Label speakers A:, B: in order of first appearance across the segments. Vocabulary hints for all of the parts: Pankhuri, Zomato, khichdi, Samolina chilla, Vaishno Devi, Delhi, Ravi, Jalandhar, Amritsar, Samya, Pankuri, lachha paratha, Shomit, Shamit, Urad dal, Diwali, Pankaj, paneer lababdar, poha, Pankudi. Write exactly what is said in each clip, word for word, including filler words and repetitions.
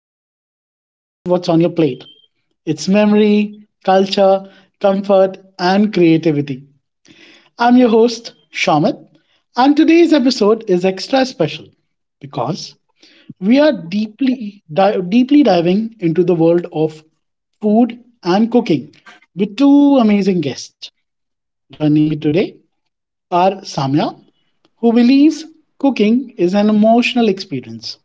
A: than just what's on your plate. It's memory, culture, comfort, and creativity. I'm your host, Shamit, and today's episode is extra special because we are deeply di- deeply diving into the world of food and cooking with two amazing guests. Joining me today are Samya, who believes cooking is an emotional experience,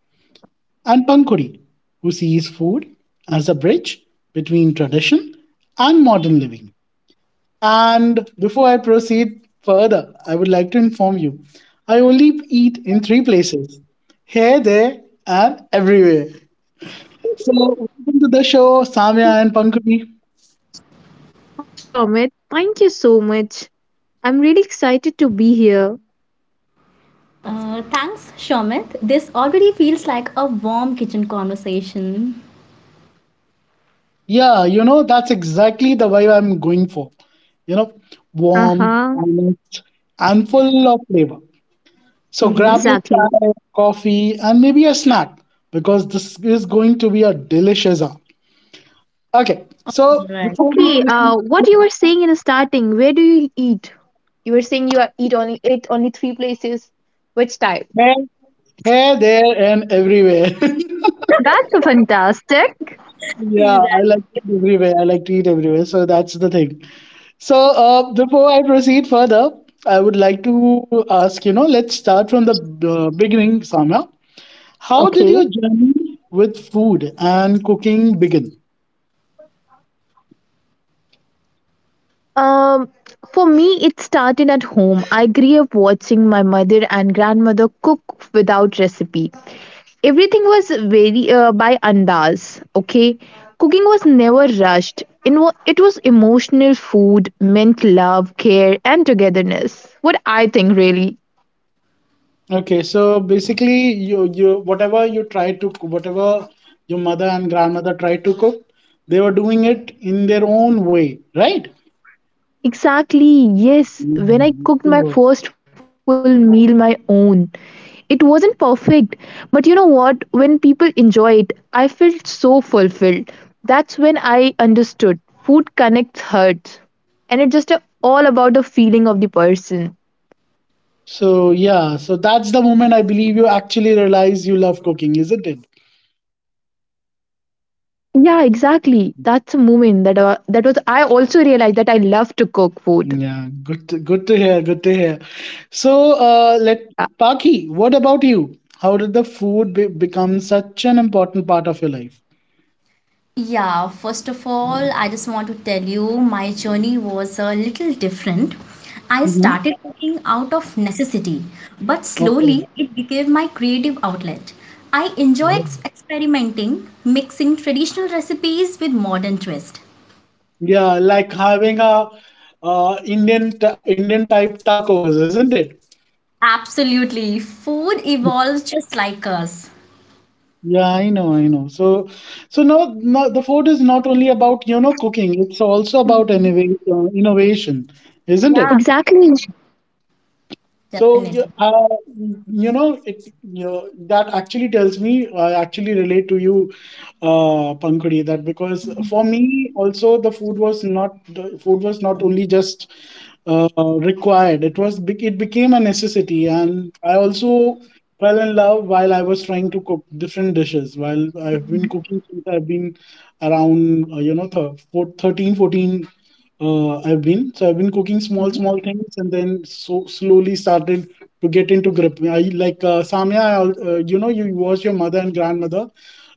A: and Pankuri, who sees food as a bridge between tradition and modern living. And before I proceed further, I would like to inform you I only eat in three places: here, there, and everywhere. So, welcome to the show, Samya and Pankuri.
B: Hi, Shomit. Thank you so much. I'm really excited to be here.
C: Uh, thanks, Shomit. This already feels like a warm kitchen conversation.
A: Yeah, you know, that's exactly the vibe I'm going for. You know,
B: Uh
A: warm,
B: huh.
A: honest, and full of flavor. So grab
C: Mm-hmm.
A: your
B: Exactly.
A: chai, coffee, and maybe a snack because this is going to be a delicious hour. Okay, so
C: Right.
A: before we
B: Okay.
A: proceed,
B: Uh, what you were saying in the starting? Where do you eat? You were saying you are- eat only eat only three places. Which type?
A: hair here, there, and everywhere.
B: That's fantastic.
A: Yeah, I
C: Exactly.
A: like to eat everywhere. I like to eat everywhere. So that's the thing. So uh, before I proceed further, I would like to ask, you know, let's start from the uh, beginning, Samya. How did
B: Okay.
A: your journey with food and cooking begin?
B: Um, for me, it started at home. I grew up watching my mother and grandmother cook without recipe. Everything was very uh, by andas, okay? Cooking was never rushed. In wa- It was emotional food, meant love, care, and togetherness. What I think, really.
A: Okay, so basically, you you whatever you try to co- whatever your mother and grandmother tried to cook, they were doing it in their own way, right?
B: Exactly, yes.
A: Mhm.
B: When I
A: So,
B: cooked my first full meal, my own, it wasn't perfect. But you know what? When people enjoy it, I felt so fulfilled. That's when I understood food connects hearts. And it's just uh all about the feeling of the person.
A: so yeah, so that's the moment I believe you actually realize you love cooking, isn't it?
B: Yeah, exactly. That's a moment that uh, that was I also realized that I love to cook food.
A: Yeah, good to, good to hear, good to hear. So uh, let
B: Uh,
A: Paki, what about you? How did the food be- become such an important part of your life?
C: Yeah, first of all, I just want to tell you my journey was a little different. I
A: Mhm.
C: started cooking out of necessity, but slowly
A: Okay.
C: it became my creative outlet. I enjoy ex- experimenting, mixing traditional recipes with modern twist.
A: Yeah, like having a uh, Indian t- Indian type tacos, isn't it?
C: Absolutely, food evolves just like us.
A: Yeah, I know, I know. So, so now, now the food is not only about, you know, cooking; it's also about innovation, uh, innovation, isn't
C: Yeah,
A: it?
B: Exactly.
A: So
C: definitely.
A: you, uh, you know, it, you know that actually tells me I actually relate to you, uh, Pankuri, that because for me also the food was not the food was not only just uh, required. It was bec- it became a necessity, and I also fell in love while I was trying to cook different dishes. While I've been cooking since I've been around uh, you know, th- four- thirteen, fourteen uh, I've been. So I've been cooking small, small things, and then so slowly started to get into grip. I like uh, Samya. I, al- uh, you know, you watch your mother and grandmother,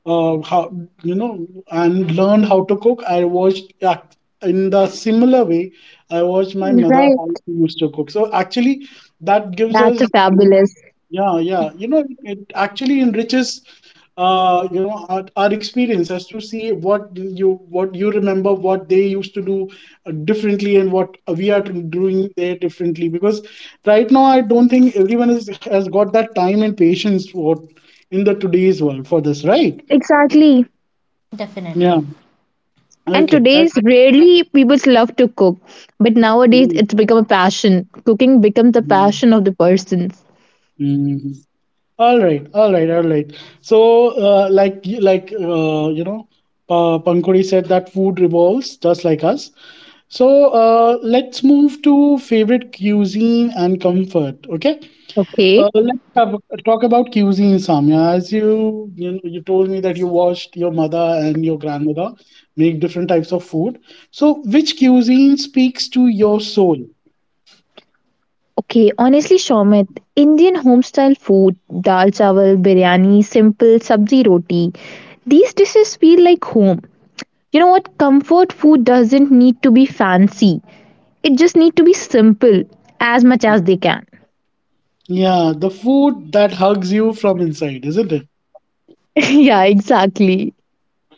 A: uh, how, you know, and learned how to cook. I watched uh, in the similar way. I watched my mother how
B: Right.
A: she used to cook. So actually, that gives
B: That's a
A: us.
B: fabulous.
A: Yeah, yeah. You know, it, it actually enriches, uh, you know, our, our experience as to see what you, what you remember, what they used to do uh, differently, and what we are doing there differently. Because right now, I don't think everyone is, has got that time and patience for in the today's world for this, right?
B: Exactly.
A: Yeah.
C: Definitely.
B: And
A: Okay, okay.
B: today's rarely people love to cook, but nowadays
A: Mm,
B: it's become a passion. Cooking becomes a
A: mm,
B: passion of the persons.
A: mm. All right, all right, all right. So, uh, like, y- like, uh, you know, uh, Pankuri said that food revolves just like us. So, uh, let's move to favorite cuisine and comfort. Okay,
B: Okay.
A: uh, let's have, talk about cuisine, Samya. As you, you know, you told me that you watched your mother and your grandmother make different types of food. So, which cuisine speaks to your soul?
B: Okay, honestly, Shomit, Indian homestyle food, dal chawal, biryani, simple sabzi roti, these dishes feel like home. You know what? Comfort food doesn't need to be fancy. It just need to be simple as much as they can.
A: Yeah, the food that hugs you from inside, isn't it?
B: Yeah, exactly.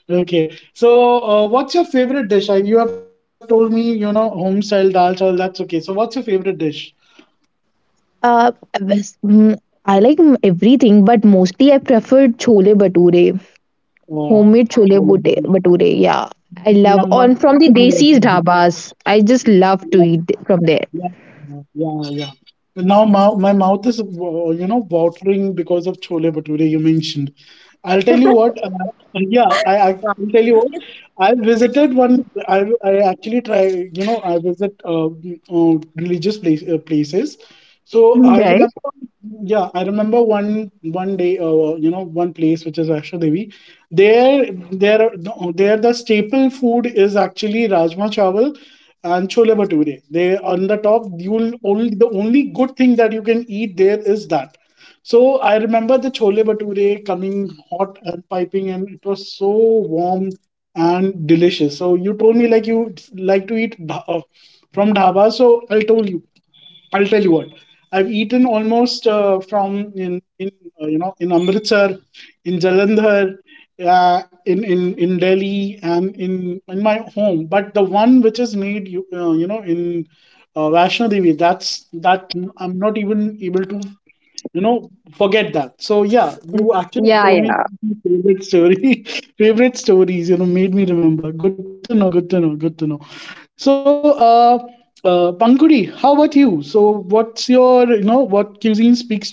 A: Okay. So, uh, what's your favorite dish? I, you have told me, you know, home style dal chawal. That's okay. So, what's your favorite dish?
B: Uh, bas- mm, I like m- everything, but mostly I prefer chole bature, homemade chole bute- bature. Yeah, I love on from the desi dhabas. I just love to
A: Oh,
B: eat from there.
A: yeah, yeah, yeah, yeah. Now my, my mouth is, uh, you know, watering because of chole bhature you mentioned. I'll tell you what. Uh, yeah, I, I
C: Yeah.
A: will tell you what. I visited one. I, I actually try. You know, I visit uh, uh, religious place, uh, places. So I
B: Right.
A: remember. Yeah, I remember one one day. Uh, you know, one place which is Vaishno Devi. There, there, no, there. The staple food is actually rajma chawal and chole bhature. They on the top, you'll only the only good thing that you can eat there is that. So I remember the chole bhature coming hot and piping, and it was so warm and delicious. So you told me like you like to eat dha- uh, from dhaba, so I told you I'll tell you what. I've eaten almost uh, from in in uh, you know, in Amritsar, in Jalandhar, uh, in in in Delhi, and in in my home. But the one which is made you uh, you know, in uh, Vaishno Devi, that's that I'm not even able to, you know, forget that. So yeah, you actually
B: Yeah,
A: told me
B: yeah.
A: one of my favorite story, favorite stories, you know, made me remember. Good to know, good to know, good to know. So uh uh Pankuri, how about you? So what's your, you know, what cuisine speaks to you?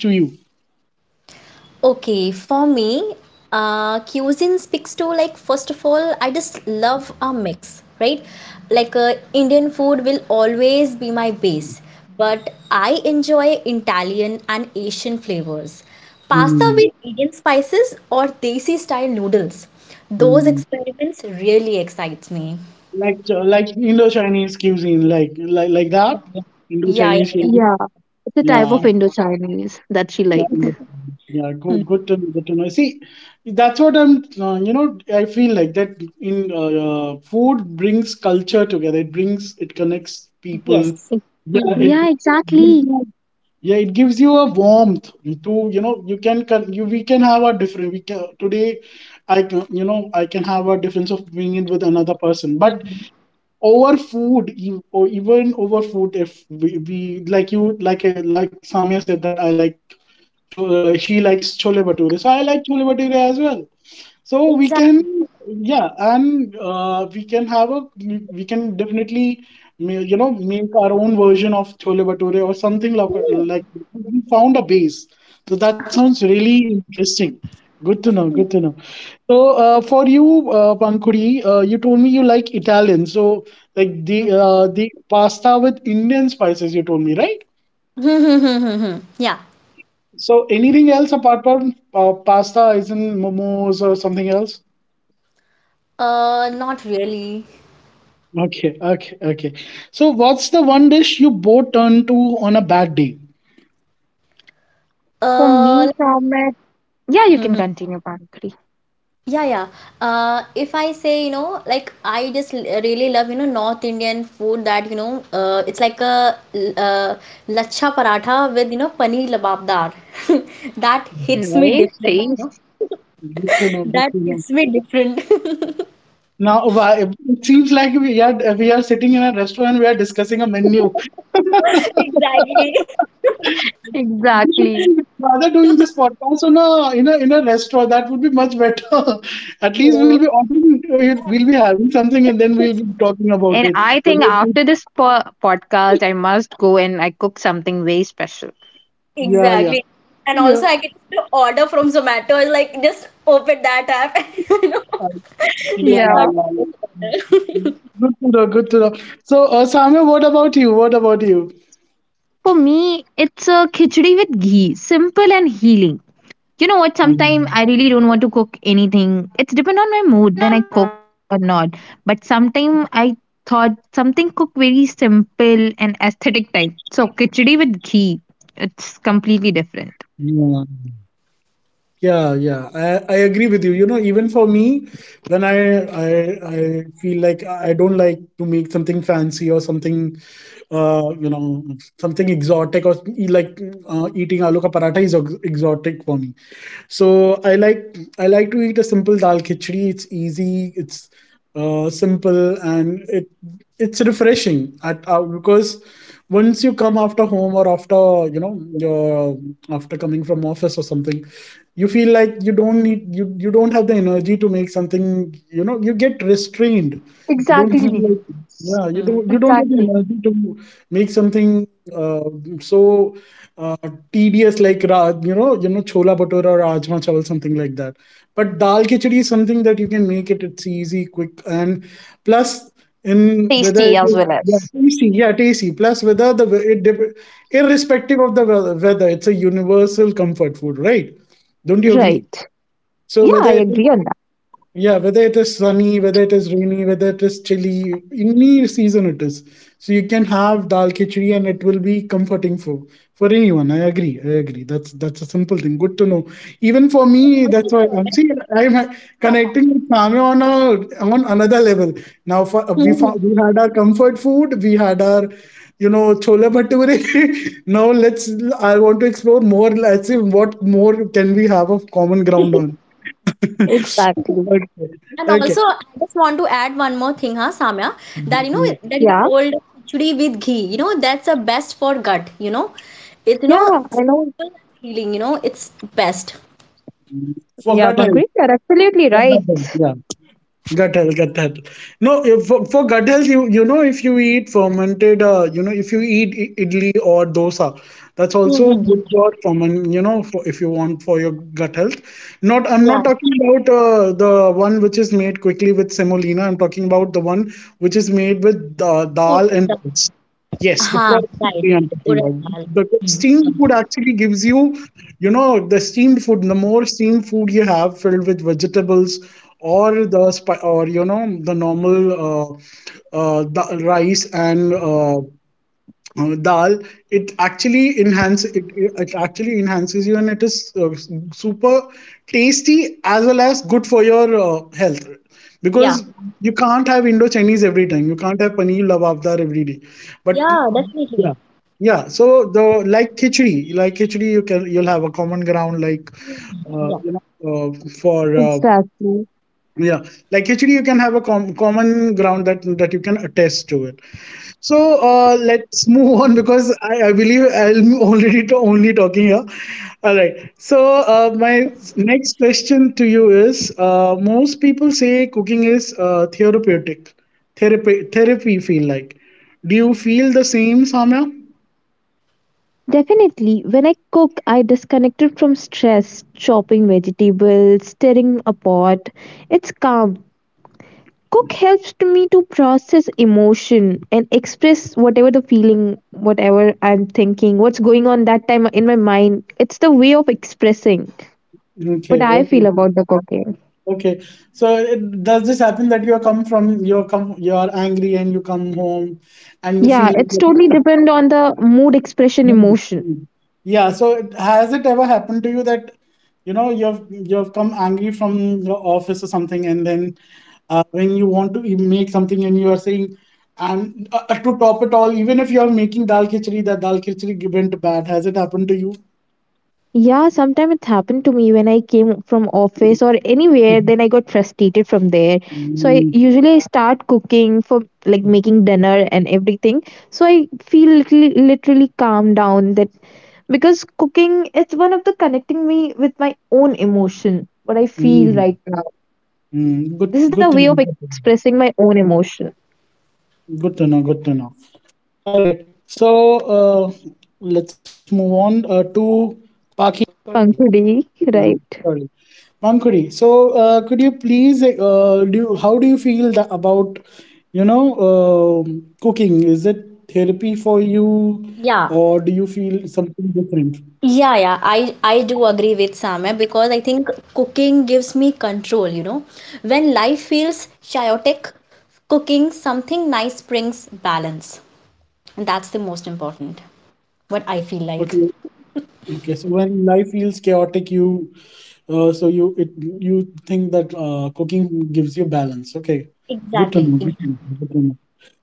C: Okay, for me, uh, cuisine speaks to like first of all, I just love a mix, right? Like uh, Indian food will always be my base, but I enjoy Italian and Asian flavors. Pasta
A: Hmm,
C: with Indian spices or desi style noodles. Those
A: hmm.
C: experiments really excites me.
A: Like uh, like Indo Chinese cuisine like, like like that,
C: Yeah, yeah,
A: Indo
C: yeah, yeah,
A: Chinese
C: yeah,
A: cuisine,
B: Yeah, it's a type
A: yeah.
B: of
C: definitely.
B: Indo-Chinese that she
A: Yeah, yeah,
B: like.
A: yeah,
C: Hmm.
A: good, good to good to know. See, that's what I'm. Uh, you know, I feel like that in uh, uh, food brings culture together. It brings, it connects people.
C: Yes.
B: Ex-
A: Yeah,
C: Hmm.
A: it
B: yeah,
A: gives
B: exactly.
A: you- yeah, it gives you a warmth to, you know, you can con- you, we can have a different. We can today, I can, you know, I can have a difference of being in with another person, but
C: Hmm.
A: over food e- or even over food if we, we like you like, uh, like Samia said that I like, so uh, she likes chole bhature. So I like chole bhature as well. So we
C: Exactly.
A: can, yeah, and uh, we can have a, we we can definitely, ma- you know, make our own version of chole bhature or something like like we found a base. So that sounds really interesting. Good to know. Good to know. So uh, for you, uh, Pankuri, uh, you told me you like Italian. So like the uh, the pasta with Indian spices, you told me, right?
C: Hmm, hmm, hmm, hmm, hmm. Yeah.
A: So anything else apart from uh, pasta, isn't momos or something else?
C: Uh, not really.
A: Okay, okay, okay. So what's the one dish you both turn to on a bad day?
B: For me,
C: Uh,
B: Thomas. Yeah, you
C: Hmm,
B: can
C: hmm.
B: continue, Pankri.
C: Yeah, yeah. Uh, if I say, you know, like I just l- really love, you know, North Indian food that, you know, uh, it's like a l- uh, lachha paratha with, you know, paneer lababdar. That hits
B: Mm.
C: me
A: Good
C: different, you know.
A: to know. Good
C: That
A: to know.
C: hits me different.
A: Now, why- it seems like we are we are sitting in a restaurant. We are discussing a menu.
C: Exactly.
A: We should be rather doing this podcast on a in a in a restaurant. That would be much better. At
C: You
A: least we'll
C: know,
A: be ordering, we'll be having something, and then we'll be talking about
B: And
A: it.
B: I think
A: Whether
B: after this po- podcast, I must go and I cook something very special.
A: yeah, yeah,
C: exactly. And
A: yeah,
C: also, I can just order from Zomato. It's like just open that app, you know,
A: uh, yeah,
C: just
B: Yeah.
C: start to
A: yeah,
C: place
A: yeah.
C: order.
A: Good to know. Good to know. So, uh, Samuel, what about you? What about you?
B: For me, it's a khichdi with ghee, simple and healing. You know what? Sometimes I really
A: Mm,
B: don't want to cook anything. It's depend on my mood when I cook or not. But sometimes I thought something cook very simple and aesthetic type. So khichdi with ghee, it's completely different.
A: yeah, yeah, yeah. I, I agree with you. You know, even for me, when I I I feel like I don't like to make something fancy or something, uh, you know, something exotic or e- like uh, eating aloo ka paratha is ex- exotic for me. So I like I like to eat a simple dal khichdi. It's easy. It's uh, simple and it it's refreshing at uh, because once you come after home or after, you know, your after coming from office or something, you feel like you don't need you, you don't have the energy to make something, you know, you get restrained, you don't feel
B: Exactly.
C: Mhm.
A: like, yeah, you
C: Mhm.
A: don't you don't have the
B: Exactly.
A: energy to make something uh, so uh, tedious like ra- you know, you know, chola bhatura or rajma chawal something like that, but dal khichdi is something that you can make it, it's easy, quick, and plus in whether
B: Tasty
A: it
B: as
A: is,
B: well
A: yeah,
B: as.
A: tasty, yeah, tasty plus whether the we- it dep- irrespective of the we- weather, it's a universal comfort food, right? Don't you agree?
B: Right.
A: So
B: Yeah,
A: whether
B: I
A: it is,
B: agree on that.
A: yeah, whether it is sunny, whether it is rainy, whether it is chilly, any season it is. So you can have dal khichdi and it will be comforting for for anyone. I agree. I agree. That's that's a simple thing. Good to know. Even for
C: And
A: me,
C: also,
A: that's why I'm
C: Shobit,
A: see I'm uh,
C: yeah.
A: connecting with Samya on a on another level. Now for uh, we
C: Mhm.
A: found, we had our comfort food, we had our, you know, chola bhature. Now let's, I want to explore more. Let's see what more can we have of common ground on.
B: Exactly.
A: Okay.
C: And
A: Okay.
C: also, I just want to add one more thing, huh, Samya, that you know that you
B: Yeah.
C: told khichdi with ghee. You know that's the best for gut. You know, it's you know
B: Yeah.
C: simple and healing. You know it's best.
A: For
B: Yeah,
A: gut health.
B: Pankaj, you're absolutely
A: For gut
B: right.
A: health. Yeah. Gut health. Gut health. No, if- for, for gut health, you you know, if you eat fermented, uh, you know, if you eat i- idli or dosa, that's also good
C: Mhm.
A: for ferment. You know, for, if you want for your gut health. Not, I'm
C: Yeah.
A: not talking about uh, the one which is made quickly with semolina. I'm talking about the one which is made with uh, dal
C: Urad
A: and
C: dal.
A: oats. Yes, the
C: हाँ,
A: proper
C: right,
A: way I'm
C: right.
A: talking
C: Urad
A: about.
C: dal.
A: The steamed food actually gives you, you know, the steamed food. The more steamed food you have filled with vegetables, or the spi- or you know the normal uh, uh, the rice and uh, uh, dal, it actually enhances it, it it actually enhances you, and it is uh, super tasty as well as good for your uh, health, because
C: Yeah,
A: you can't have indo chinese every time, you can't have paneer lavabdar every day, but
C: yeah,
A: yeah.
C: definitely.
A: Yeah so the like khichdi, like khichdi you can, you'll have a common ground, like uh,
C: Yeah,
A: you know uh, for uh,
B: Exactly.
A: yeah, like khichdi you can have a com- common ground that that you can attest to it. So uh, let's move on, because I, I believe I'm already to only talking here. All right. So uh, my next question to you is: uh, most people say cooking is uh, therapeutic, therapy, therapy. Feel like. Do you feel the same, Samya?
B: Definitely, when I cook, I disconnected from stress, chopping vegetables, stirring a pot. It's calm. Cook helps to me to process emotion and express whatever the feeling, whatever I'm thinking, what's going on that time in my mind. It's the way of expressing what
A: Okay.
B: I feel
A: Okay.
B: about the cooking.
A: Okay. So it, does this happen that you come from you come you are angry and you come home and you
B: Yeah,
A: feel
B: it's
A: like?
B: totally depend on the mood expression emotion.
A: Yeah, so it- has it ever happened to you that you know you've you've come angry from your office or something, and then uh, when you want to e- make something and you are saying, and uh, uh, to top it all, even if you are making dal khichdi, that dal khichdi went bad. Has it happened to you?
B: Yeah, sometimes it happened to me when I came from office or anywhere, then I got frustrated from there. So I
A: Mm,
B: usually I start cooking for like making dinner and everything. So I feel literally, literally calm down that because cooking is one of the connecting me with my own emotion, what I feel
A: mm,
B: right now. This is
A: mm.
B: the way
A: Good,
B: of
A: good to know.
B: expressing my own emotion.
A: Good to know. Good to know. All right. So
B: Right.
A: uh, let's move on uh, to
B: Pankudi,
A: Pakistan.
B: right?
A: Sorry. Mankuri, so uh, could you please, uh, do you, how do you feel tha- about, you know, um cooking? Is it therapy for you, or do you
C: yeah,
A: feel something different?
C: yeah, yeah, I I do agree with Samya because I think cooking gives me control, you know. When life feels chaotic, cooking something nice brings balance. And that's the most important. What I feel
A: Okay,
C: like.
A: okay. So when life feels chaotic, you, uh, so you it you think that uh, cooking gives you balance. Okay, good to
C: Exactly,
A: know. Good to
C: exactly.
A: know. Good to know.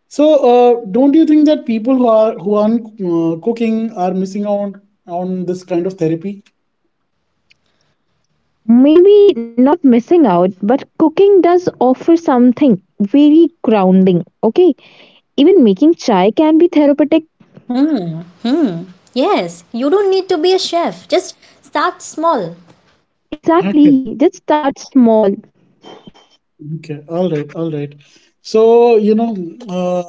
A: So, uh, don't you think that people who are who aren't uh, cooking are missing out on this kind of therapy?
B: Maybe not missing out, but cooking does offer something very grounding. Okay. Even making chai can be therapeutic.
C: Hmm. Hmm. Yes, you don't need to be a chef. Just start small.
A: Okay.
B: Exactly. Just start small.
A: Okay, all right, all right. So, you know, uh,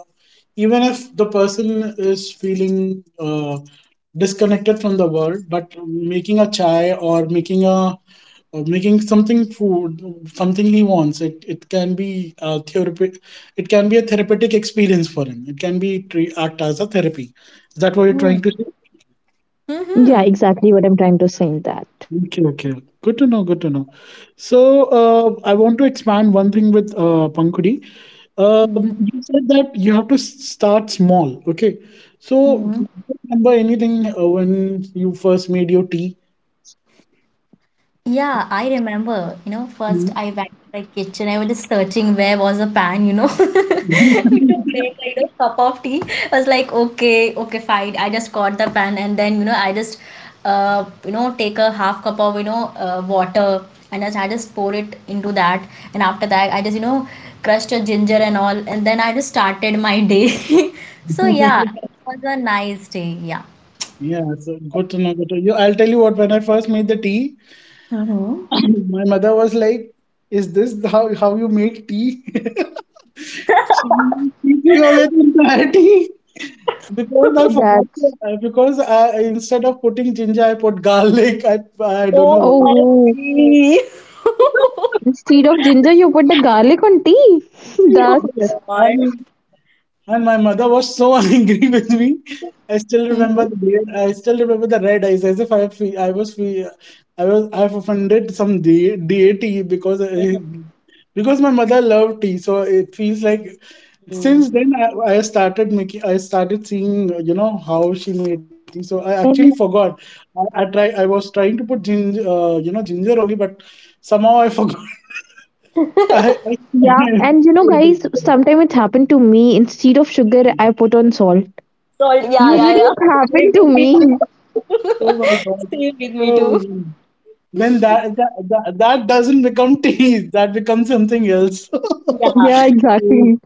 A: even if the person is feeling uh, disconnected from the world, but making a chai or making a or making something food, something he wants, it it can be a therapy. It can be a therapeutic experience for him. It can be tre- act as a therapy. Is that what you're
C: Hmm.
A: trying to say?
B: Yeah,
C: Mm-hmm.
B: exactly what I'm trying to say in that.
A: Okay, okay. Good to know, good to know. So, uh, I want to expand one thing with uh, Pankudi. Um, you said that you have to s- start small. Okay, so
C: Mhm.
A: do you remember anything uh, when you first made your tea?
C: Yeah, I remember, you know, first
A: Mm.
C: I went to the kitchen, I was just searching where was a pan, you know, we to make like a cup of tea. I was like, okay, okay, fine. I just got the pan and then, you know, I just, uh, you know, take a half cup of, you know, uh, water and just, I just pour it into that. And after that, I just, you know, crushed a ginger and all. And then I just started my day. So yeah, it was a nice day. Yeah.
A: Yeah, so good to know. Good to, you, I'll tell you what. When I first made the tea,
C: Mm-hmm.
A: my mother was like, "Is this how how you make tea?" She threw away the entire tea because I forgot.
B: That's
A: to- uh, Because I, I- instead of putting ginger, I put garlic. I I don't know why.
B: oh,
C: O M G.
B: instead of ginger you put the garlic on tea.
A: Yes,
C: Oh
A: yes.
B: That's,
C: God.
A: And, and my mother was so angry with me. I still remember
C: Mhm.
A: the day- I still remember the red eyes as if I fe- I was fe- I was I've offended some de- deity because I, because my mother loved tea, so it feels like since then I, I started making I started seeing you know how she made tea. So I actually
B: and
A: forgot. I, I try I was trying to put ginger uh, you know ginger only, but somehow I forgot. I,
B: yeah,
A: I
B: and you know guys, sometimes it happened to me. Instead of sugar I put on salt.
C: So yeah,
A: Oh,
C: yeah,
B: Usually
C: yeah.
B: it
C: Sleep
B: happened to
C: with me
B: me.
C: too.
A: oh my God.
C: Sleep with me too.
A: Oh, then that, that that that doesn't become tea. That becomes something else.
C: Yeah,
B: Yeah,
A: Mm,
B: exactly.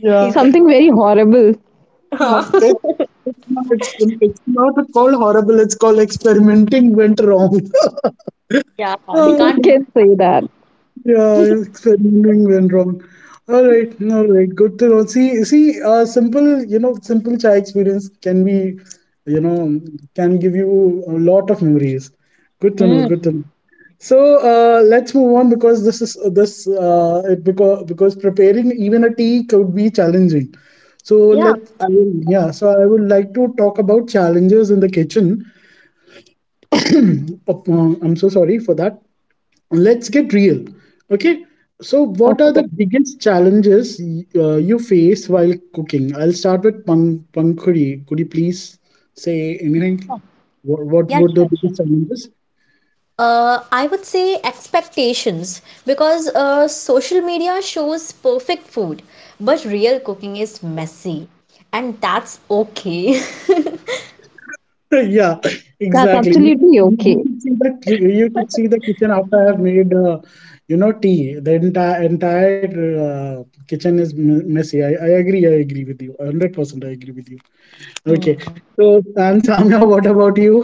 A: yeah.
C: exactly.
B: Something very horrible.
A: Ho- It, it's not it's, it's not called horrible. It's called experimenting went wrong.
C: Yeah, we
A: Oh.
B: You
C: can't.
B: can say that.
A: Yeah, experimenting went wrong. All right, all right, good to know. See, see, uh, simple, you know, simple chai experience can be, you know, can give you a lot of memories. Good to know.
C: Hmm.
A: Good to know. So uh, let's move on, because this is this uh, it because because preparing even a tea could be challenging. So
C: Yeah,
A: let I will, yeah. So I would like to talk about challenges in the kitchen. Oh, uh, I'm so sorry for that. Let's get real. Okay, so what are
B: Okay.
A: the biggest challenges uh, you face while cooking? I'll start with Pang pankuri. Could you please say anything? What, what
C: yeah,
A: were the
C: sure, sure.
A: biggest challenges?
C: Uh, I would say expectations because uh, social media shows perfect food, but real cooking is messy, and that's okay.
A: Yeah,
B: That's
A: exactly, you could
B: absolutely
A: you you
B: okay.
A: could see the ki- you could see the kitchen after I have made uh, you know tea. The entire entire uh, kitchen is me- messy. I, I agree I agree with you one hundred percent. I agree with you. Okay, so and samya, what about you?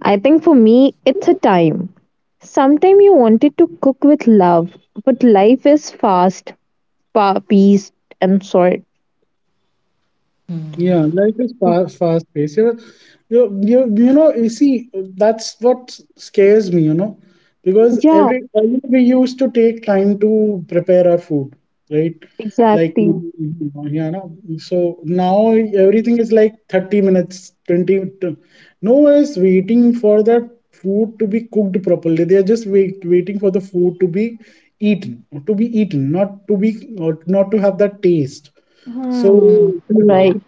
B: I think for me, it's a time. Sometime you wanted to cook with love, but life is fast, pa- paced, and short.
A: Yeah, life is fast, fast paced. You, you, you, you know, you see, that's what scares me, you know, because
B: Yeah,
A: every earlier we used to take time to prepare our food, right? Like, you
B: exactly.
A: know, yeah, no. So now everything is like thirty minutes, twenty. to- No one is waiting for the food to be cooked properly. They are just wait, waiting for the food to be eaten, to be eaten, not to be, or not to have that taste, so,
C: Hmm.
B: Right.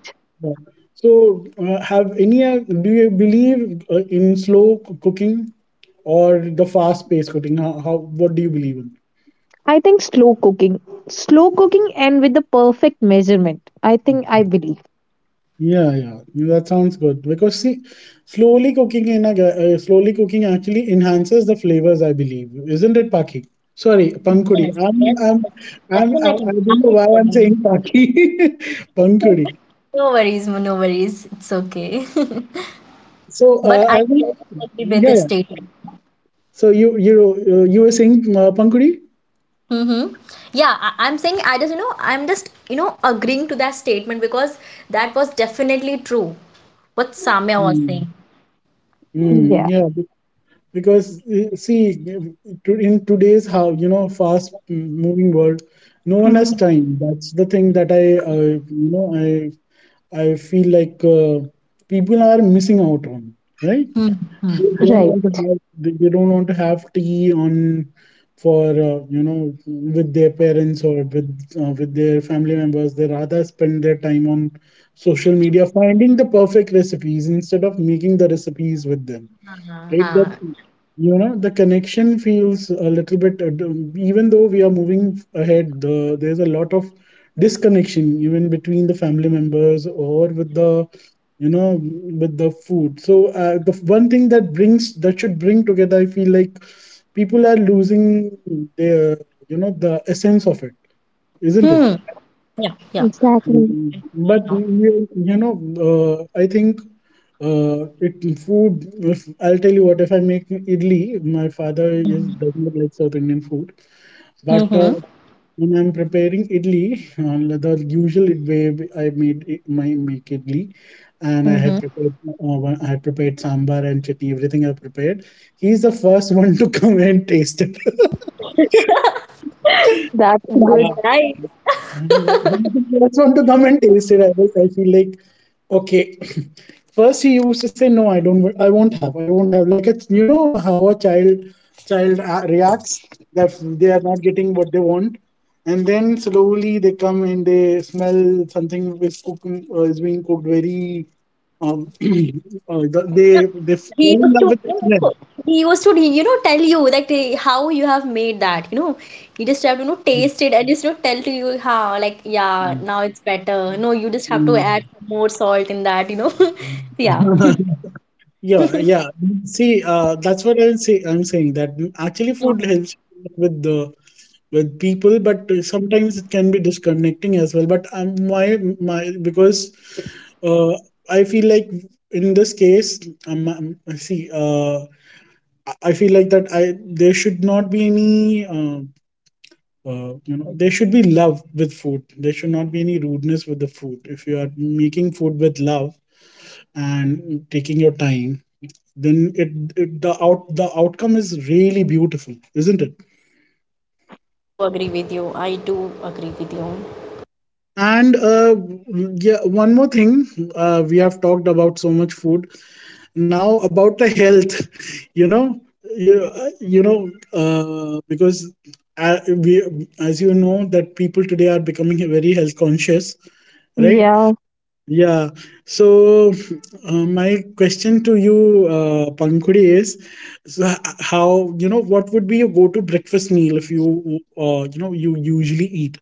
A: yeah. So uh, have any? Uh, Do you believe uh, in slow c- cooking or the fast-paced cooking? How, how? What do you believe in?
B: I think slow cooking. Slow cooking and with the perfect measurement. I think I believe.
A: Yeah, yeah, that sounds good. Because see, slowly cooking in a ga- uh, slowly cooking actually enhances the flavors. I believe, isn't it, Paki? Sorry, pankudi.
C: Yes,
A: I'm,
C: yes,
A: I'm,
C: yes,
A: I'm, I,
C: definitely.
A: I don't know
C: I do
A: why I'm
C: agree.
A: saying paki, pankudi.
C: No worries, no worries. It's okay.
A: So,
C: But
A: uh,
C: I
A: I, will-
C: really agree with
A: Yeah,
C: this
A: yeah.
C: statement.
A: So you, you, uh, you were saying uh, pankudi?
C: Mm-hmm. Yeah, I I'm saying I just, you know, I'm just, you know, agreeing to that statement because that was definitely true. What Samya was
A: Mm,
C: saying.
A: mm,
B: Yeah,
A: yeah, be- because eh, see, eh, to- in today's how you know fast moving world, no one has time. That's the thing that I, uh, you know, I I feel like uh, people are missing out on, right?
C: Mm-hmm.
A: They don't
C: Definitely.
B: right.
A: want to have they, they don't want to have tea on for uh, you know with their parents or with uh, with their family members. They rather spend their time on social media finding the perfect recipes instead of making the recipes with them, right?
C: Uh-huh.
A: that You know, the connection feels a little bit uh, d- even though we are moving ahead, the, there's a lot of disconnection even between the family members or with the you know with the food. So uh, the f- one thing that brings that should bring together, I feel like people are losing their you know the essence of it, isn't it?
C: Hmm. Yeah, yeah.
B: Exactly.
A: Mm,
C: I
A: but
C: know.
A: you, you know, uh, I think uh, it food. If I'll tell you what, if I make idli, my father is does not like South Indian food, but uh,
C: Mm-hmm.
A: when I'm preparing idli, uh, the usual way I made it, my make idli, and I had
C: Mm-hmm.
A: prepared uh, one- I had prepared sambar and chutney, everything I prepared. He's the first one to come and taste it.
B: That's
C: That's
A: Yeah.
B: good.
C: right.
A: I just want to come and taste it. I, was- I feel like okay. First, he used to say, "No, I don't. wa- I won't have. I won't have." Like it's you know how a child child uh, reacts that they are not getting what they want, and then slowly they come and they smell something is cooking uh, is being cooked very. Um, uh, they they
C: He
A: fall in
C: used
A: love
C: to,
A: with the
C: no,
A: smell.
C: no, He used to, you know, tell you that eh, how you have made that, you know. You just have to, you know, taste it and just, you know, tell to you how, like, yeah,
A: Mm.
C: now it's better. No, you just have to add more salt in that, you know. Yeah.
A: Mm. Yeah, yeah. See, uh, that's what I'm say I'm saying that mm, actually food
C: Mhm.
A: helps with the with people, but sometimes it can be disconnecting as well. But um, my my because uh, I feel like in this case, um, um, see, uh, I I feel like that I there should not be any uh, uh, you know there should be love with food. There should not be any rudeness with the food. If you are making food with love and taking your time, then it, it the out the outcome is really beautiful, isn't it?
C: I do agree with you. I do agree with you.
A: And uh, yeah, one more thing, uh, we have talked about so much food, now about the health. You know, you, you know, uh, because uh, we, as you know that people today are becoming very health conscious, right?
B: Yeah.
A: Yeah. So, uh, my question to you, uh, Pankuri, is so h- how you know what would be your go-to breakfast meal if you uh, you know you usually eat?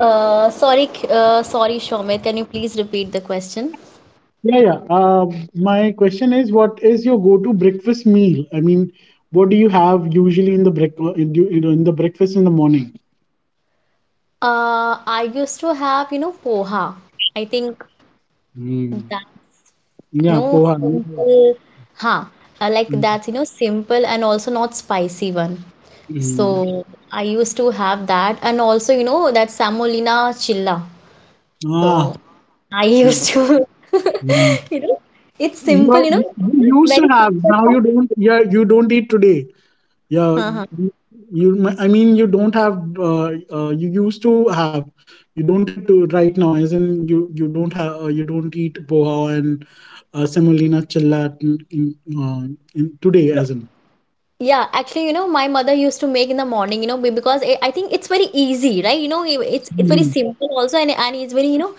C: Uh, sorry, K- uh, sorry, Shomit. Can you please repeat the question?
A: Yeah, yeah. Uh, my question is, what is your go-to breakfast meal? I mean, what do you have usually in the break uh, in, you know, in the breakfast in the morning?
C: Uh, I used to have, you know, poha. I think
A: Mm.
C: that. You
A: Yeah,
C: know,
A: poha.
C: simple, huh? I like
A: Mm.
C: that's you know, simple and also not spicy one.
A: Mm.
C: So I used to have that, and also, you know, that Samolina chilla. So
A: Ah,
C: I
A: yeah.
C: used to,
A: Mm.
C: you know, it's simple,
A: You,
C: you know,
A: you
C: it's
A: used to
C: very
A: have
C: simple.
A: now,
C: Huh?
A: you don't, yeah? You don't eat today, yeah?
C: Uh-huh.
A: You, you m- i mean you don't have uh, uh, you used to have, you don't eat to right now, as in you you don't have uh, you don't eat boha and uh, semolina chillat in, in, uh, in today, as in...
C: Yeah, actually, you know, my mother used to make in the morning, you know, be- because I I think it's very easy, right? You know, i- it's it's very
A: Mhm,
C: simple also, and and it's very, you know,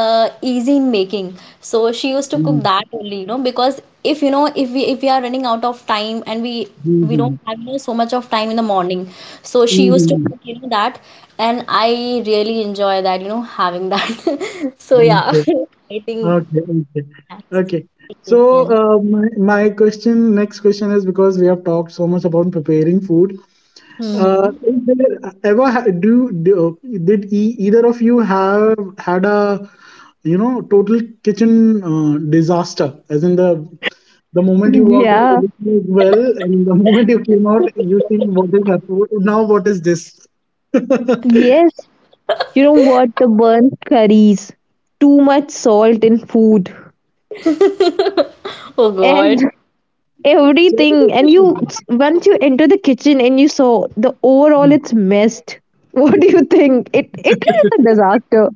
C: uh, easy in making. So she used to cook that only, you know, because if you know, if we if we are running out of time and we we
A: mhm,
C: don't have, you know, so much of time in the morning, so she used to
A: mhm,
C: cook, you know, that, and I really enjoy that, you know, having that. So
A: mhm.
C: yeah,
A: Okay,
C: I think
A: okay, okay,
C: that's
A: okay. So,
C: different.
A: uh, my, my question, next question is, because we have talked so much about preparing food, Uh,
C: Hmm.
A: is there ever ha- do, do did e- either of you have had a, you know, total kitchen uh, disaster? As in, the the moment you walked in,
B: Yeah.
A: everything is well, and the moment you came out, you think, what is happening now? What is this?
B: Yes. You know what? The burnt curries. Too much salt in food.
C: Oh
B: And
C: God.
B: everything, and
A: So-
B: you once you enter the kitchen and you saw the overall it's messed. What do you think? It it is a disaster.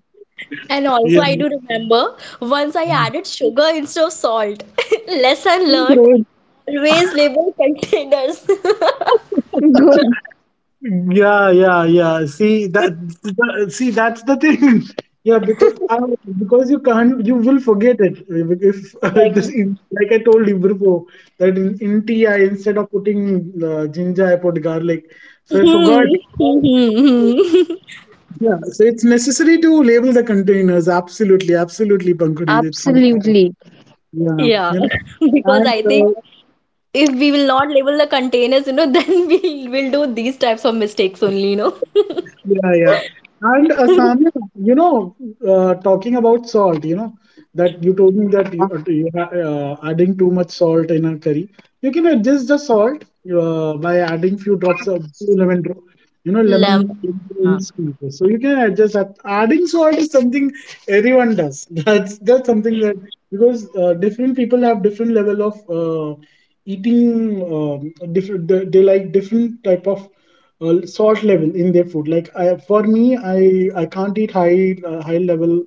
C: And also,
A: yeah.
C: I do remember once I added sugar instead of salt. Lesson learned,
B: Great.
C: always label containers.
B: Good.
A: Yeah, yeah, yeah. See that, that see, that's the thing. Yeah, because I, because you can't you will forget it if, this
C: Exactly.
A: in- like I told you before, that in, in tea, I instead of putting uh, ginger, I put garlic. So I
C: Hmm.
A: forgot.
C: Hmm, hmm, hmm.
A: Yeah, so it's necessary to label the containers. Absolutely, absolutely, Pankaj. It's necessary.
B: Absolutely.
A: Yeah,
C: Yeah,
A: you know,
C: because
A: and
C: I think
A: uh,
C: if we will not label the containers, you know, then we will do these types of mistakes only, you know.
A: yeah, yeah. And uh, you know, uh, talking about salt, you know, that you told me that
B: That's
A: you, uh, you ha- uh, adding too much salt in a curry. You can adjust the salt uh, by adding few drops of lemon, dro- you know, lemon
C: Lemon.
A: in squeeze. So you can adjust that. Adding salt is something everyone does. That's that's something that, because uh, different people have different level of uh, eating. Um, different, they, they like different type of uh, salt level in their food. Like I, for me, I I can't eat high uh, high level.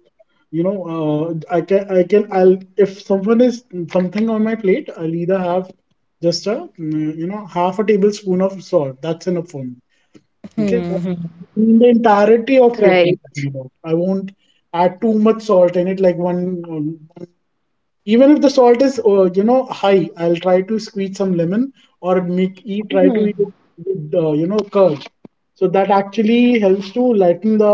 A: You know, uh, I can I can I'll, if someone is something on my plate, I'll either have just a mm, you know, half a tablespoon of salt. That's enough for me. Okay,
C: Hmm.
A: That-
C: Hmm.
A: in the entirety of plate,
B: right.
A: I'm talking about. I won't add too much salt in it, like one, um, even if the salt is uh, you know, high, I'll try to squeeze some lemon, or make eat, try to eat
C: Hmm.
A: it with uh, you know, curd, so that actually helps to lighten the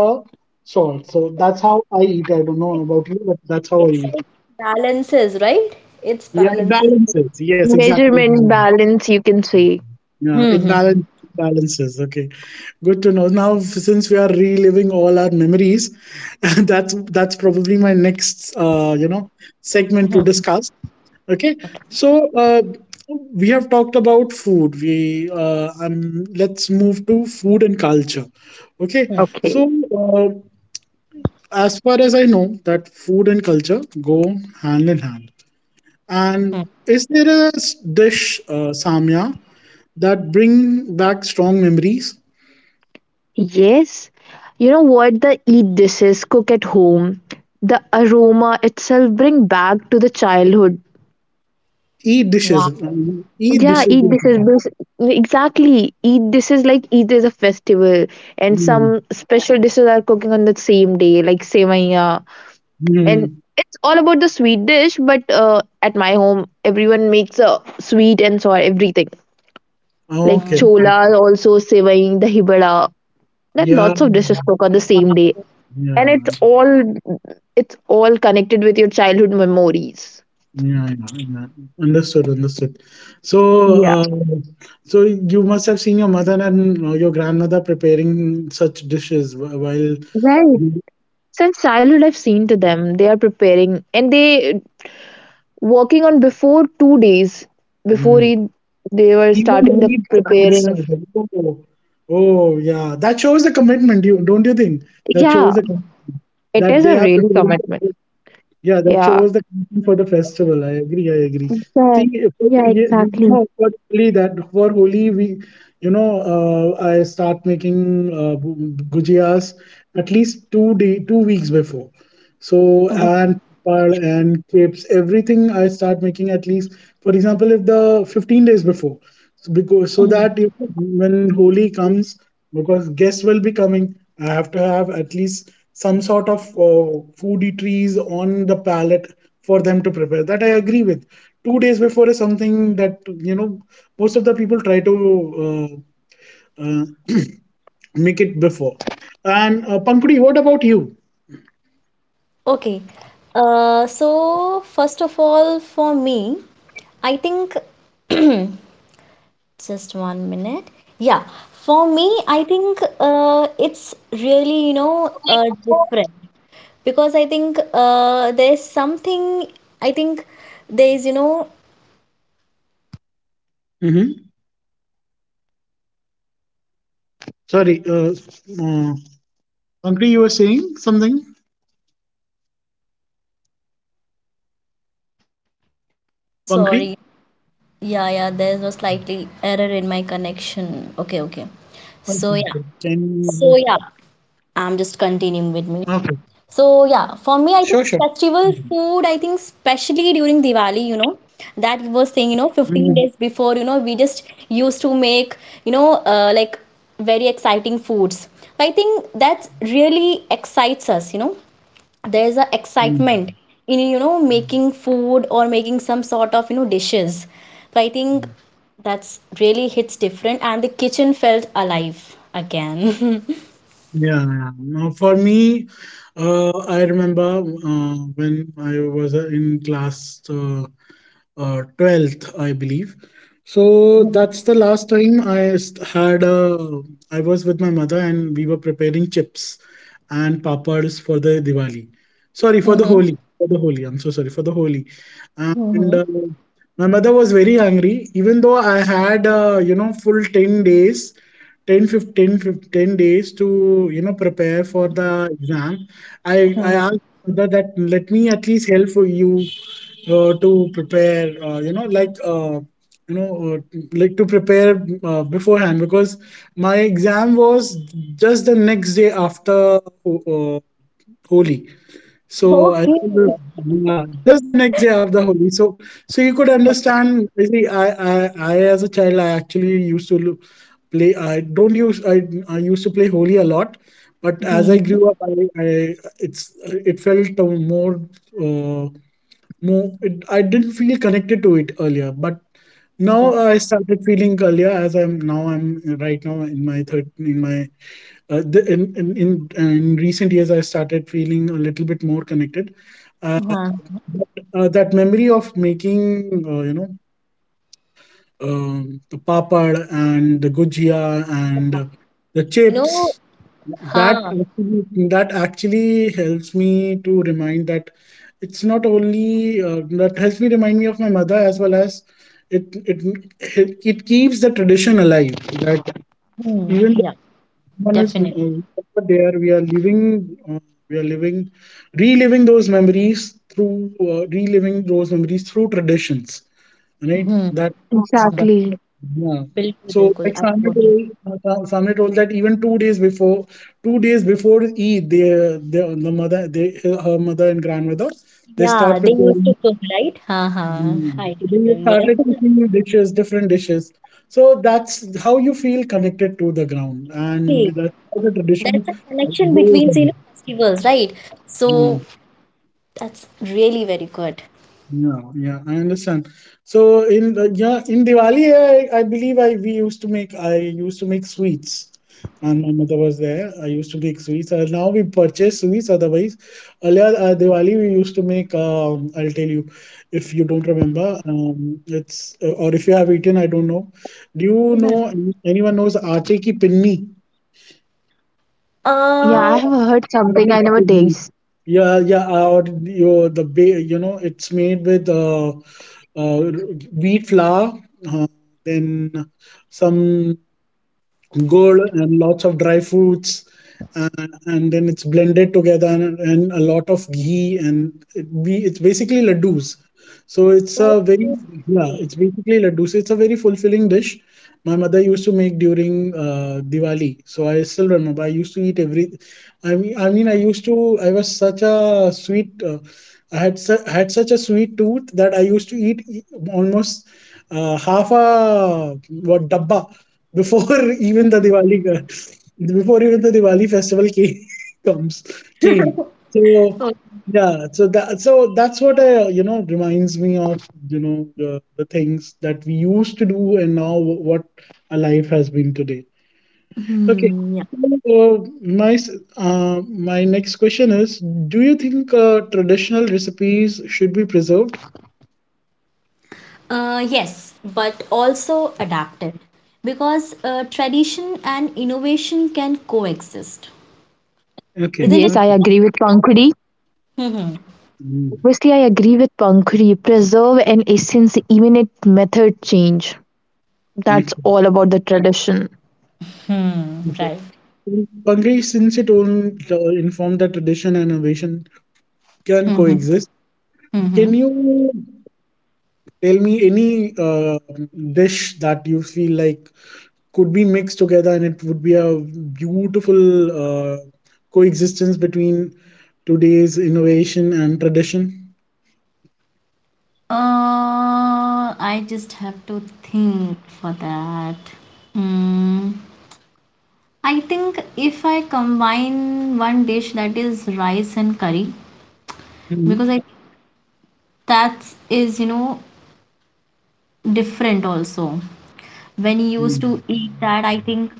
A: salt. So that's how I eat. I don't know about you, but that's how I
C: It's
A: eat.
C: like balances, right? It's
A: Yeah, it
C: balances.
A: balances. Yes, exactly, it
B: Measurements
A: balances.
B: balance, you can say.
A: Yeah,
C: Hmm.
A: it
C: Hmm,
A: balance, balances. Okay, good to know. Now, f- since we are reliving all our memories, that's that's probably my next uh, you know, segment to discuss. Okay. So, uh, we have talked about food, we uh, um, let's move to food and culture. Okay.
C: hmm,
A: So,
B: Okay.
A: uh, as far as I know, that food and culture go hand in hand, and
C: hmm.
A: is there a s- dish, uh, Samya, that bring back strong memories?
B: Yes, you know what? The eat dishes cook at home, the aroma itself bring back to the childhood.
A: E
C: Wow.
A: dishes, um, e
B: Yeah,
A: dishes,
B: Eid this
A: yeah.
B: is bas- exactly Eid this is like Eid is a festival, and some special dishes are cooking on the same day like sevaiya, and
A: Hmm.
B: it's all about the sweet dish but uh, at my home everyone makes a sweet and sour everything like
C: Hmm.
A: Okay,
B: chola also sevai dahi vada that
A: yeah,
B: lots of dishes cook on the same
C: Wow.
B: day and
A: yeah.
B: it's all it's all connected with your childhood memories.
A: Yeah, yeah, yeah. Understood, understood. So,
B: Yeah,
A: uh, so you must have seen your mother and uh, your grandmother preparing such dishes wh- while
B: right.
A: you,
B: Since childhood, I've seen to them. They are preparing, and they working on before two days before
A: Mm,
B: Eid, they were
A: even the
B: starting the
A: heat had
B: preparing.
A: started. Oh, oh, yeah. That shows the commitment, you don't you think? That
B: Yeah,
A: shows the com-
B: it
A: that
B: is a
A: they are
B: really
A: preparing.
B: commitment.
A: Yeah, that
B: Yeah,
A: shows the connection for the festival. I agree. I agree.
B: Exact-
A: See, if-
B: yeah,
A: you, you know, for Holi, that for Holi, we, you know, uh, I start making uh, gu- gujiyas at least two day, two weeks before. So,
C: Mhm.
A: and papad and crepes, everything I start making at least, for example, if the fifteen days before, so because, so
C: Mhm.
A: that, you know, when Holi comes, because guests will be coming, I have to have at least some sort of uh, foodie trees on the palate for them to prepare. That I agree with. Two days before is something that, you know, most of the people try to uh, uh, make it before. And uh, Pankudi, what about you?
C: Okay. Uh, so first of all, for me, I think just one minute. Yeah, for me, I think uh, it's really, you know, uh, different because I think uh, there's something, I think there's, you know,
A: Hmm. Sorry, uh, uh, Pankudi, you were saying something.
C: oh,
A: Pankudi,
C: sorry. Yeah, yeah, there's a slightly error in my connection. Okay, okay.
A: okay, okay, can
C: So, yeah.
A: you?
C: So, yeah, I'm just
A: Okay,
C: continuing with me. So
A: sure, sure.
C: yeah, for me, I think festival food, I think especially during Diwali, you know, that you were
A: Mhm.
C: saying, you know, fifteen days before, you know, we just used to make, you know, uh, like very exciting foods. I think that really excites us, you know. There's a
A: Mhm.
C: excitement in, you know, making food or making some sort of, you know, dishes. So I think that's really hits different and the kitchen felt alive again.
A: Yeah, yeah. Now for me, uh, I remember uh, when I was uh, in class uh, uh, twelfth, I believe. So that's the last time I st- had a. I was with my mother and we were preparing chips and papads for the Diwali. Sorry, for the
C: Mm-hmm.
A: Holi. For the Holi. I'm so sorry. For the Holi. And
C: Mm-hmm.
A: uh, my mother was very angry, even though I had, uh, you know, full ten days, ten, fifteen, fifteen days to, you know, prepare for the exam. I i asked mother that let me at least help you uh, to prepare, uh, you know, like, uh, you know uh, like to prepare uh, beforehand, because my exam was just the next day after Ho- uh, Holi, so I
C: Okay.
A: think the- yeah, just the next day after Holi, so so you could
C: But
A: understand, you see, I, I I as a child, I actually used to lo- play, I don't use I, I used to play Holi a lot, but as I
C: mhm.
A: grew up, I, I it's it felt uh, more, uh, no, it, I didn't feel connected to it earlier, but now
C: Yeah.
A: I started feeling earlier as I'm now I'm right now in my third in my uh, the, in, in in in recent years I started feeling a little bit more connected. Uh,
C: Uh-huh.
A: but, uh, that memory of making, uh, you know, um, the papad and the gujia and the
C: You know,
A: chips. That
C: हाँ
A: actually, that actually helps me to remind that it's not only uh, that helps me remind me of my mother, as well as it it it keeps the tradition alive. That,
C: hmm
A: even
C: yeah,
A: one is
C: definitely.
A: uh, there, we are living uh, we are living, reliving those memories through, uh, reliving those memories through traditions, right,
C: hmm
A: that that,
B: exactly.
A: yeah.
C: बिल्कुल
A: So,
C: बिल्कुल
A: like
C: I would.
A: Samir told, uh, Sa- told that even two days before, two days before Eid, they, they the mother, they her mother and grandmother, they
C: Yeah,
A: start
C: they used
A: preparing.
C: to cook, right? हाँ हाँ
A: Mm.
C: I do
A: So then you
C: remember.
A: started cooking new dishes, different dishes. So that's how you feel connected to the ground, and
C: Exactly.
A: that's how the
C: That's a
A: tradition
C: connection
A: goes.
C: between you know, festivals, right? So that's really very good.
A: Yeah, yeah, I understand. So in, uh, yeah, in Diwali, I, I believe I we used to make I used to make sweets. And my mother was there. I used to make sweets. Uh, now we purchase sweets. Otherwise, earlier uh, Diwali we used to make. Um, I'll tell you, if you don't remember, um, it's, uh, or if you have eaten, I don't know. Do you know any- anyone knows aate ki pinni?
B: Yeah,
C: Uh,
B: I have heard something
A: Nothing
B: I never
A: to do.
B: taste.
A: Yeah, yeah, uh, or your the ba- you know, it's made with uh, uh, wheat flour, uh, then some gold and lots of dry fruits, uh, and then it's blended together, and, and a lot of ghee, and it be, it's basically laddus. So it's a very, yeah,
C: okay.
A: it's basically laddus. It's a very fulfilling dish my mother used to make during uh, Diwali. So I still remember, I used to eat every, i mean i mean I used to, I was such a sweet, uh, i had su- I had such a sweet tooth that I used to eat e- almost, uh, half a what dabba before, even the Diwali, before even the Diwali festival came, comes, came. So
C: Okay.
A: yeah, so that so that's what I, you know, reminds me of, you know, the, the things that we used to do and now what our life has been today. Okay.
C: Hmm, yeah.
A: So, uh, my s- uh, my next question is: do you think uh, traditional recipes should be preserved?
C: Uh, yes, but also adapted because uh, tradition and innovation can coexist,
A: Okay,
C: isn't it?
B: Yes, I
A: okay,
B: agree with Pankhuri.
C: Mm-hmm.
A: mm,
B: Obviously, I agree with Pankhuri. Preserve an essence, even it method change. That's
A: okay.
B: all about the tradition.
C: Hmm, right.
A: Pankaj, since it will uh, inform that tradition and innovation can
C: Mm-hmm.
A: coexist, can
C: Mm-hmm.
A: you tell me any uh, dish that you feel like could be mixed together and it would be a beautiful uh, coexistence between today's innovation and tradition?
C: Uh, I just have to think for that. Mm. I think if I combine one dish that is rice and curry, because
A: Mhm.
C: I that is, you know, different also. When you used to eat that, I think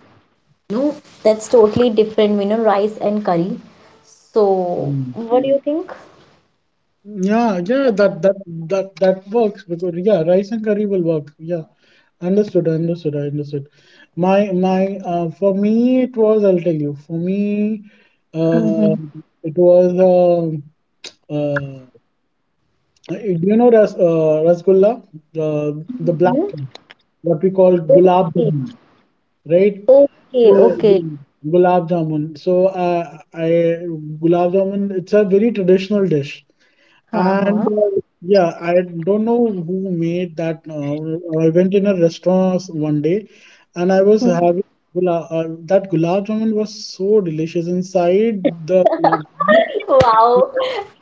C: no, that's totally different, you know, rice and curry. So,
A: Mhm.
C: what do you think?
A: Yeah, yeah, that that that that works because, yeah, rice and curry will work. Yeah, understood, understood, I understood. My my uh, for me it was, I'll tell you. For me, uh,
C: Mm-hmm.
A: it was, um uh, uh, you know, ras uh, rasgulla, the the black
C: Hmm?
A: one, what we call gulab
C: Okay,
A: jamun, right? So
C: okay, okay.
A: gu- gulab jamun. So, uh, I gulab jamun. It's a very traditional dish. And
C: Uh-huh.
A: uh, yeah, I don't know who made that. Uh, I went in a restaurant one day, and I was having, gula- uh, that gulab jamun was so delicious inside the gulab jamun.
C: Wow,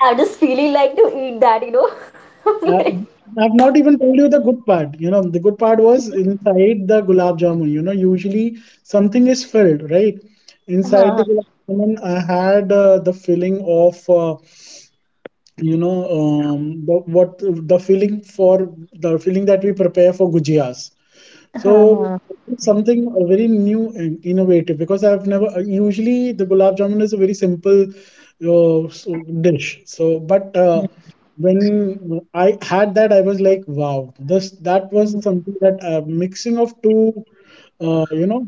C: I'm just feeling like to eat that, you know.
A: Uh,
C: Like,
A: I've not even told you the good part. You know, the good part was inside the gulab jamun. You know, usually something is filled, right? Inside the
C: uh-huh.
A: gulab jamun, I had uh, the filling of, uh, you know, um, the, what, the feeling, for the feeling that we prepare for gujias, so
C: Uh-huh.
A: it's something uh, very new and innovative, because I've never, uh, usually the gulab jamun is a very simple uh, so dish. So but uh, when I had that, I was like, wow, this, that was something that, uh, mixing of two, uh, you know,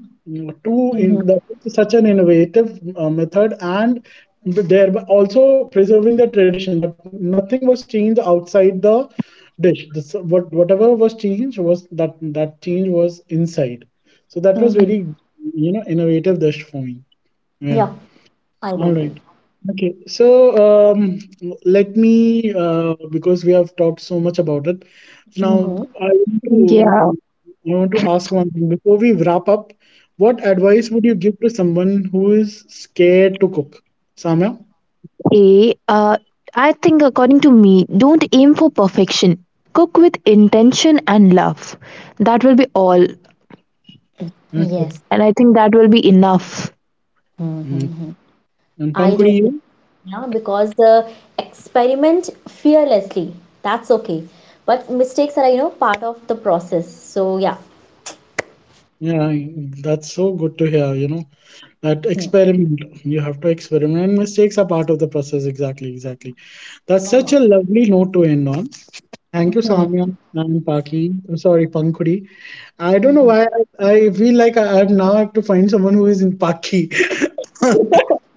A: two
C: Mm-hmm.
A: in the, such an innovative uh, method, and thereby also preserving the tradition, that nothing was changed outside the dish. This, what, whatever was changed was that that change was inside. So that was
C: Hmm,
A: very, you know, innovative dish for me. Yeah.
C: yeah, I do
A: All right.
C: agree.
A: Okay. So, um, let me, uh, because we have talked so much about it. Now,
C: Mm-hmm.
A: I want
B: Yeah.
A: to I want to ask one thing before we wrap up. What advice would you give to someone who is scared to cook? Samya?
B: A, uh, I think, according to me, don't aim for perfection. Cook with intention and love. That will be all.
A: Okay.
C: Yes.
B: And I think that will be enough.
A: Mm.
C: Hmm.
A: And
C: I
A: Pankuri,
C: don't know,
A: you?
C: yeah, because uh, experiment fearlessly. That's okay. But mistakes are, you know, part of the process. So, yeah.
A: Yeah, that's so good to hear, you know. That
C: Hmm.
A: experiment, you have to experiment. And mistakes are part of the process. Exactly, exactly. That's
C: Why
A: such
C: not?
A: a lovely note to end on. Thank you,
C: Mhm.
A: Samya and Paki. I'm sorry, Pankudi. I don't know why I, I feel like I, I now have to find someone who is in Paki. Okay.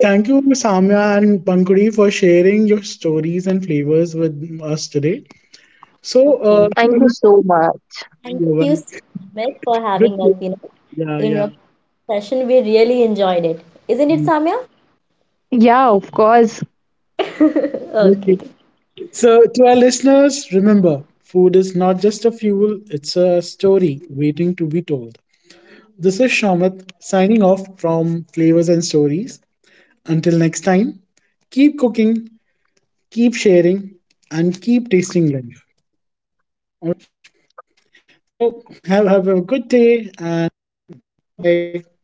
A: Thank you, Samya and Pankudi, for sharing your stories and flavors with us today. So,
C: Okay.
A: uh, you're
B: Thank you so much.
C: Thank you
A: welcome.
C: so much for
A: Good.
C: having us, you know,
A: Yeah,
C: in your
A: yeah.
C: session. We really enjoyed it. Isn't it,
A: Mm.
C: Samya?
B: Yeah, of course.
C: Okay.
A: Thank. So, to our listeners, remember, food is not just a fuel, it's a story waiting to be told. This is Shamath signing off from Flavors and Stories. Until next time, keep cooking, keep sharing, and keep tasting life. All right? So, have, have a good day, and bye.